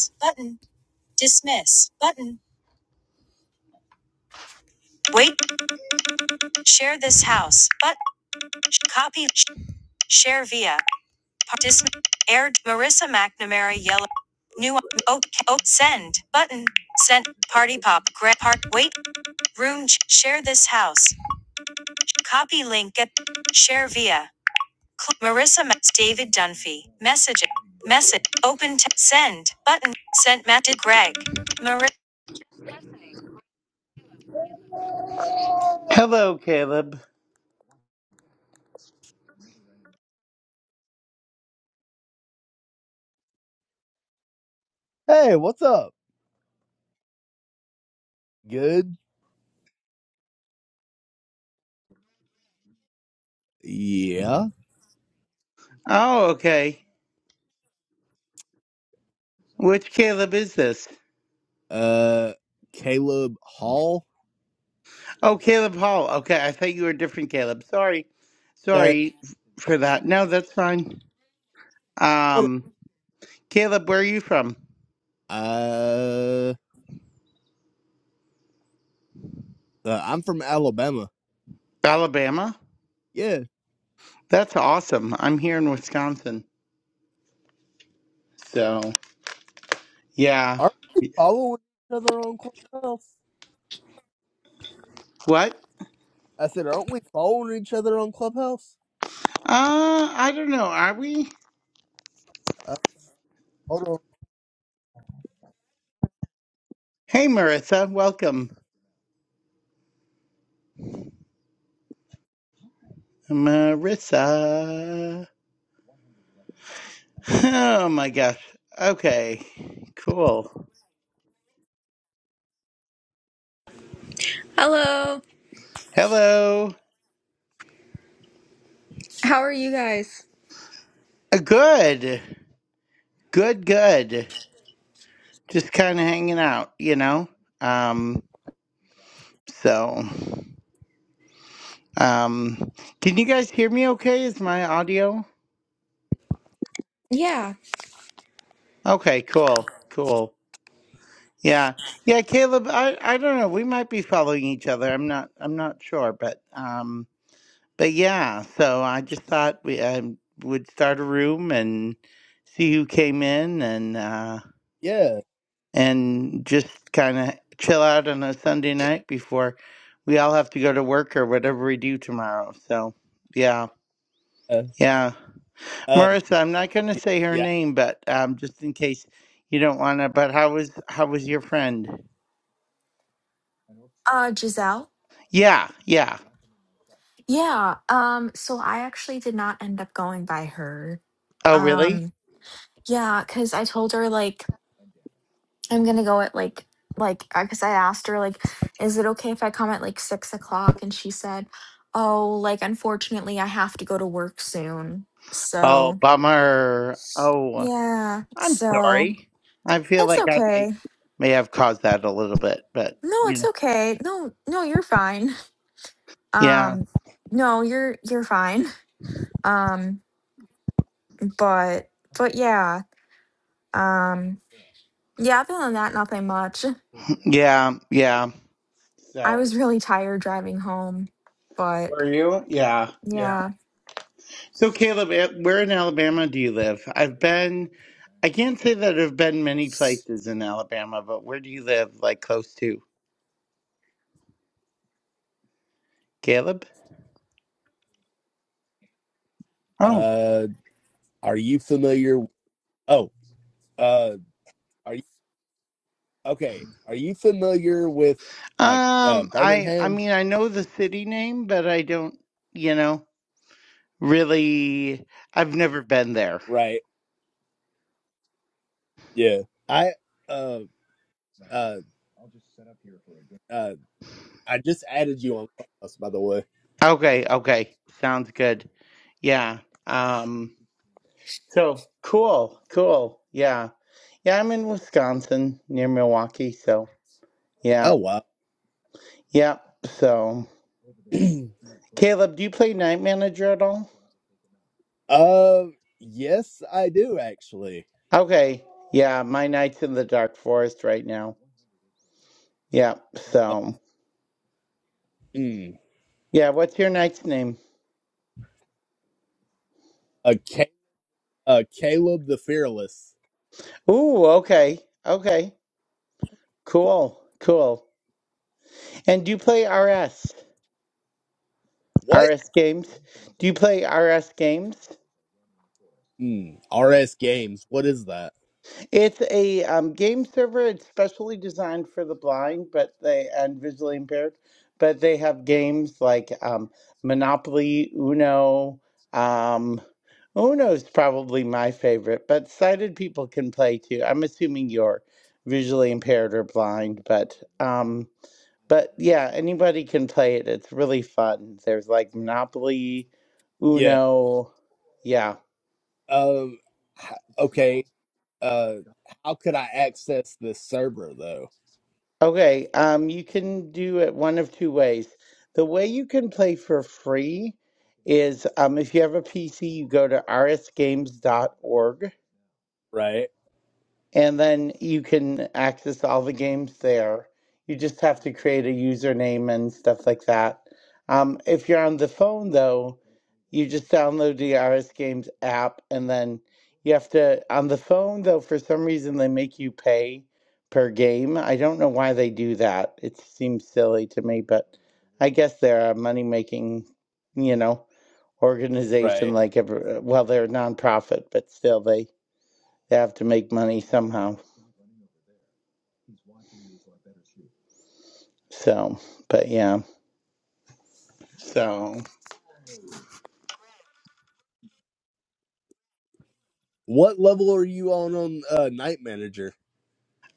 house Button. Dismiss. Button. Wait. Share this house. button copy. Share via. Par- Dis- aired. Marissa McNamara. Yellow. New. Oh, oh. Send. Button. Sent. Party pop. Grab. Part. Wait. Room. Share this house. Copy link. At, share via. Cl- Marissa. David Dunphy. Message. Message. Open. T- send. Button. Sent. Matt. Greg. Marissa. Hello, Caleb. Hey, what's up? Good. Yeah. Oh, okay. Which Caleb is this? Uh, Caleb Hall. Oh, Caleb Hall. Okay, I thought you were a different Caleb. Sorry. Sorry. Sorry for that. No, that's fine. Hold Um, Caleb, where are you from? on. Uh, uh, I'm from Alabama. Alabama? Yeah. That's awesome. I'm here in Wisconsin. So, yeah. Aren't we following each other on Clubhouse? What? I said, aren't we following each other on Clubhouse? Uh, I don't know. Are we? Uh, hold on. Hey, Marissa. Welcome. Marissa. Oh, my gosh. Okay. Cool. Hello. Hello. How are you guys? Uh, Good. Good, good. just kind of hanging out, you know? Um, so, um, can you guys hear me okay? Is my audio? Yeah, Okay, cool, cool. Yeah, yeah, Caleb, I, I don't know. We might be following each other. I'm not, I'm not sure, but, um, but yeah, so I just thought we um would start a room and see who came in and, uh, Yeah. and just kind of chill out on a Sunday night before we all have to go to work or whatever we do tomorrow. So, yeah, Uh, yeah. uh, Marissa, I'm not going to y- say her yeah. name, but um, just in case you don't want to. But how was how was your friend? uh, Giselle. Yeah, yeah. Yeah, um, so I actually did not end up going by her. Oh, really? Um, yeah, because I told her like I'm gonna go at like like because I asked her like, is it okay if I come at like six o'clock? And she said, oh, like unfortunately I have to go to work soon. Oh, So bummer. Oh, yeah, I'm so sorry. I feel that's like I may okay. may have caused that a little bit, but No, you it's know. okay. No, no, you're fine. Yeah, Um, no, you're you're fine. Um, but but yeah, um, yeah. Other than that, nothing much. yeah, yeah. I So, was really tired driving home, but were you? Yeah, yeah. yeah. So, Caleb, eh, where in Alabama do you live? I've been, I can't say that I've been many places in Alabama, but where do you live, like close to? Caleb? Oh. Uh, are you familiar? Oh, uh, are you okay? Are you familiar with like uh Um, I, I Birmingham? mean, I know the city name, but I don't, you know, really, I've never been there. Right. Yeah. I uh uh Uh, I just added you on Clubhouse, by the way. Okay, okay. Sounds good. Yeah. Um, so cool, cool. Yeah. Yeah, I'm in Wisconsin near Milwaukee, so yeah. Oh wow. Yep. So. Caleb, do you play Night Manager at all? uh, yes, I do actually. Okay. Yeah, my knight's in the Dark Forest right now. Yeah, Uh, so. mm, Yeah, what's your knight's name? uh, Ca- uh, Caleb the Fearless. Ooh, okay. Okay. Cool. Cool. And do you play RS? What? RS games? Do you play RS games? Mm, RS Games. What is that? It's a um, game server. It's specially designed for the blind, but they and visually impaired. But they have games like um, Monopoly, Uno. Um, Uno's probably my favorite, but sighted people can play too. I'm assuming you're visually impaired or blind, but um, but yeah, anybody can play it. It's really fun. There's like Monopoly, Yeah. Uno. Yeah. Um. h- Okay. Uh, how could I access this server though? Okay, um, you can do it one of two ways. The way you can play for free is um, if you have a PC, you go to rsgames.org Right. and then you can access all the games there. You just have to create a username and stuff like that. Um, if you're on the phone, though, you just download the RS Games app, and then you have to on the phone though. For some reason, they make you pay per game. I don't know why they do that. It seems silly to me, but I guess they're a money making, you know, organization Right. like every. Well, they're a nonprofit, but still they they have to make money somehow. So, but yeah. So, What level are you on on uh, Night Manager?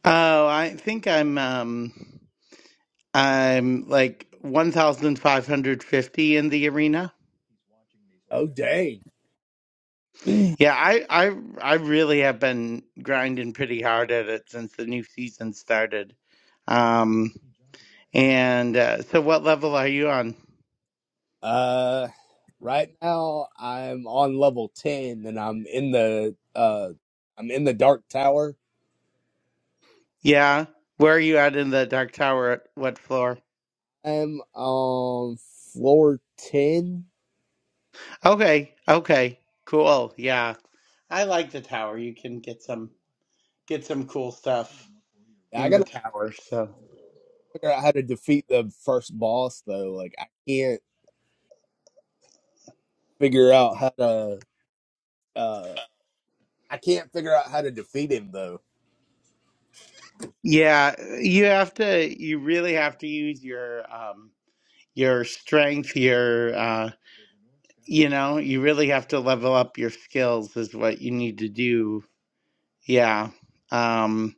oh, I think I'm um I'm like 1550 in the arena. Oh dang. Yeah, I I I really have been grinding pretty hard at it since the new season started. Um and uh, so what level are you on? Uh, right now I'm on level ten, and I'm in the uh, I'm in the dark tower. Yeah. Where are you at in the dark tower at what floor? I'm on floor ten. Okay. Okay. Cool. Yeah. I like the tower. You can get some get some cool stuff. Yeah, I in the gotta tower. So figure out how to defeat the first boss though. Like I can't figure out how to uh, I can't figure out how to defeat him though. yeah, you have to. You really have to use your um your strength. Your uh, you know, you really have to level up your skills. Is what you need to do. Yeah. Um,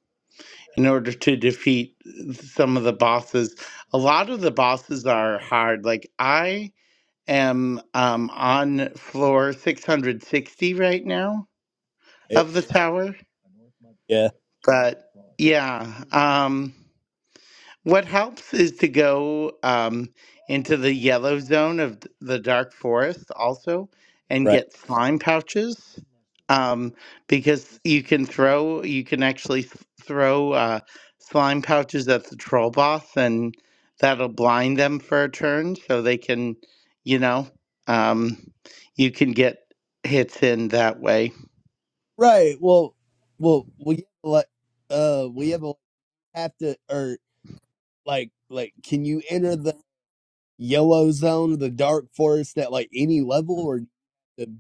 in order to defeat some of the bosses, a lot of the bosses are hard. Like I am um on floor six hundred sixty right now It, of the tower, yeah, but yeah. Um. What helps is to go um, into the yellow zone of th- the dark forest also and right, get slime pouches um, because you can throw, you can actually th- throw uh, slime pouches at the troll boss and that'll blind them for a turn so they can, you know, um, you can get hits in that way. right. Well, well, we have like uh, we have a have to or like like can you enter the yellow zone or the dark forest at like any level or the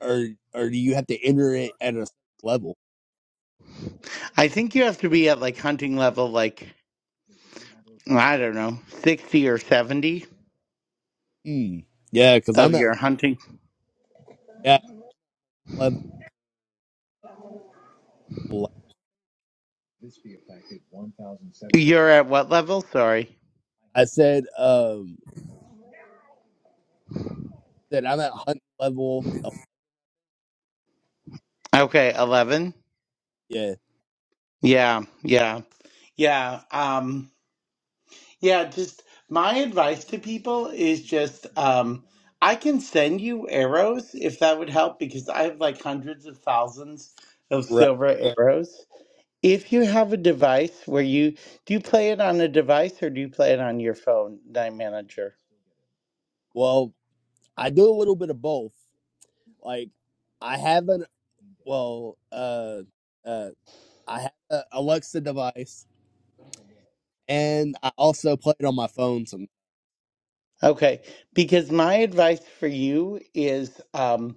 or or do you have to enter it at a level? I think you have to be at like hunting level, like, I don't know, 60 or 70 Hmm. Yeah, because of I'm at your hunting. yeah level. You're at what level? Sorry. I said um that I'm at hunt level. Oh, Okay, 11. yeah, Yeah, yeah. Yeah, um yeah, just my advice to people is just um I can send you arrows if that would help because I have like hundreds of thousands of right. silver arrows. If you have a device where you do you play it on a device or do you play it on your phone, Nine Manager? Well, I do a little bit of both. Like I have an well uh uh I have an Alexa device and I also play it on my phone. Some Okay, because my advice for you is um,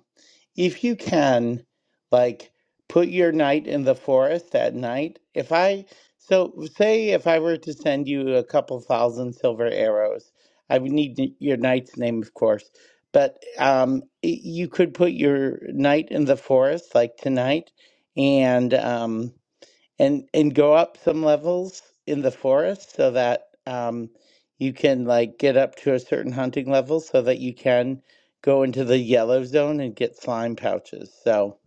if you can, like, put your night in the forest at night. If I, so say if I were to send you a couple thousand silver arrows, I would need n- your knight's name, of course, but um, y- you could put your night in the forest, like tonight, and um, and and go up some levels in the forest so that um, you can like get up to a certain hunting level so that you can go into the yellow zone and get slime pouches. So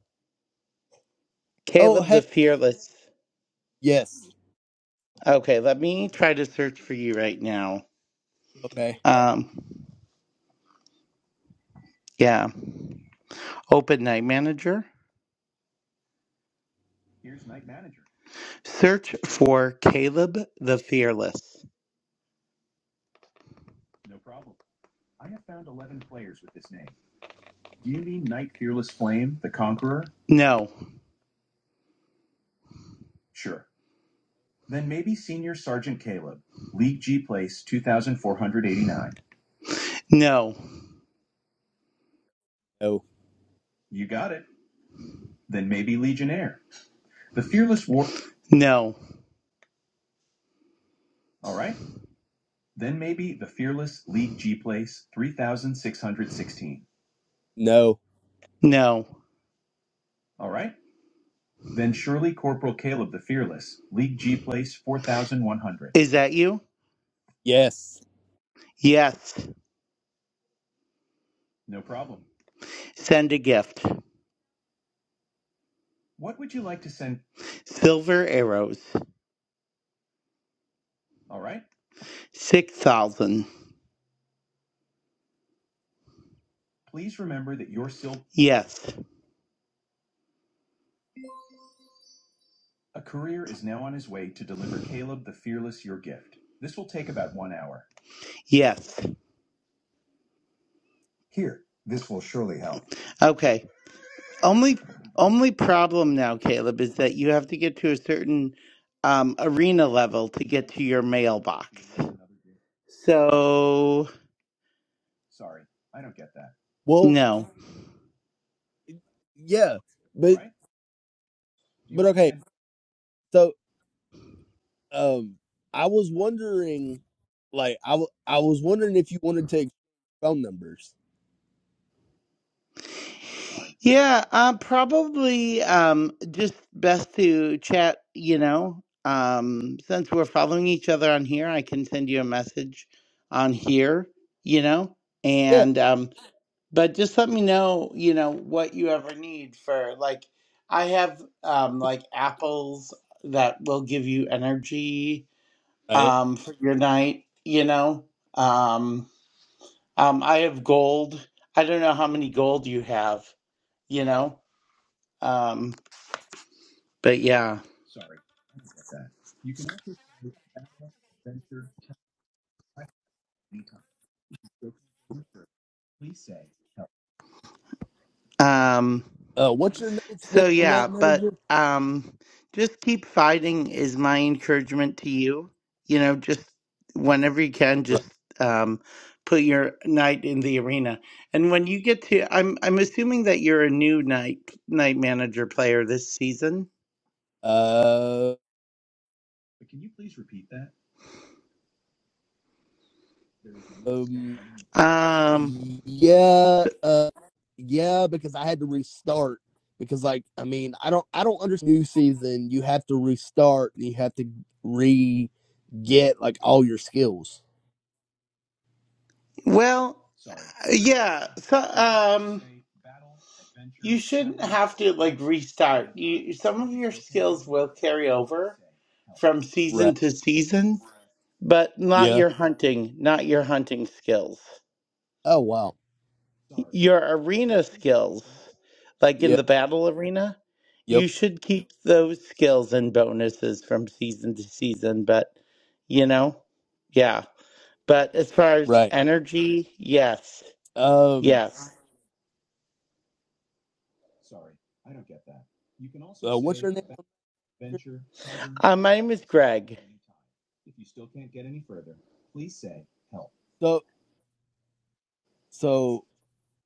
oh Caleb the hey Fearless. yes Okay, let me try to search for you right now. okay Um, yeah, open night manager. Search for Caleb the Fearless. No, no, no no, no no. Is that you? yes. Yes. Send a gift. Silver arrows. 6,000. Yes. Yes. Okay. Only only problem now, Caleb, is that you have to get to a certain um, arena level to get to your mailbox. So, Well. no. yeah, but but okay. So um, I was wondering, like, I wa- I was wondering if you wanted to exchange phone numbers. Yeah, uh, probably um, just best to chat, you know. Um, since we're following each other on here, I can send you a message on here, you know. Yeah. And um, but just let me know, you know, what you ever need for like I have um like apples that will give you energy Right. um for your night, you know. Um um I have gold. I don't know how many gold you have, you know. Um, But yeah. Um Uh, what's your night's name so on yeah, Night but Manager? um just keep fighting is my encouragement to you. You know, just whenever you can Right. just um put your knight in the arena. And when you get to I'm I'm assuming that you're a new night night manager player this season. Uh, um. Um Yeah. Uh. Yeah, because I had to restart. Because, like, I mean, I don't, I don't understand. New season, you have to restart. and You have to re get like all your skills. Well, yeah. So, um, you shouldn't have to like restart. You some of your skills will carry over from Right. season to season, but not Yeah. your hunting, not your hunting skills. Oh wow. Your arena skills, like in Yeah. the battle arena, Yep. you should keep those skills and bonuses from season to season, but you know, yeah. But as far as Right. energy, yes. Um, Yes. uh, what's your name? Uh, my name is Greg. So, so,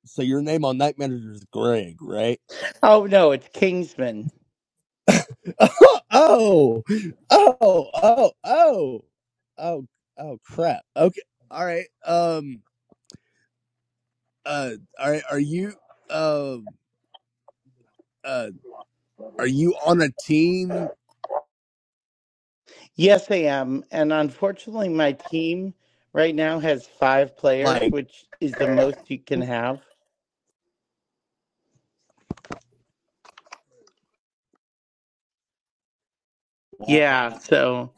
so your name on Night Manager is Greg, right? Oh, no, it's Kingsman. oh, oh, oh, oh, oh, oh, crap. Okay, all right. Um, uh, all right. Are you, um, uh, are you on a team Yes, I am. And unfortunately, my team right now has five players, like? which is the most you can have. Yeah, so,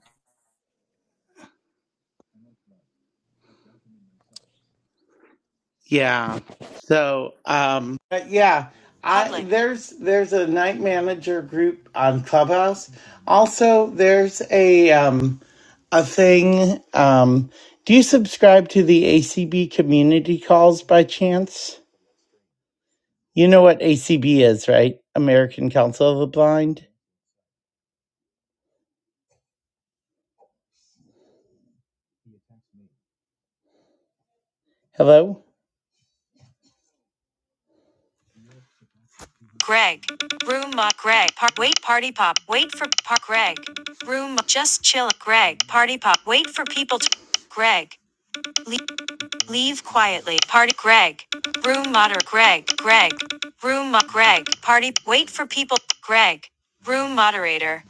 yeah. So, um, but yeah, I there's there's a night manager group on Clubhouse. Also, there's a um a thing um do you subscribe to the ACB community calls by chance? You know what ACB is, right? American Council of the Blind. Hello? Greg. Room up. Greg. Par- wait, party pop. Wait for par- Greg. Room Just chill. Greg. Party pop. Wait for people to. Greg. Le- leave quietly. Party. Greg. Room moderate. Greg. Greg. Room up. Greg. Party. Wait for people. Greg. Room moderator.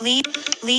Leave. Leave.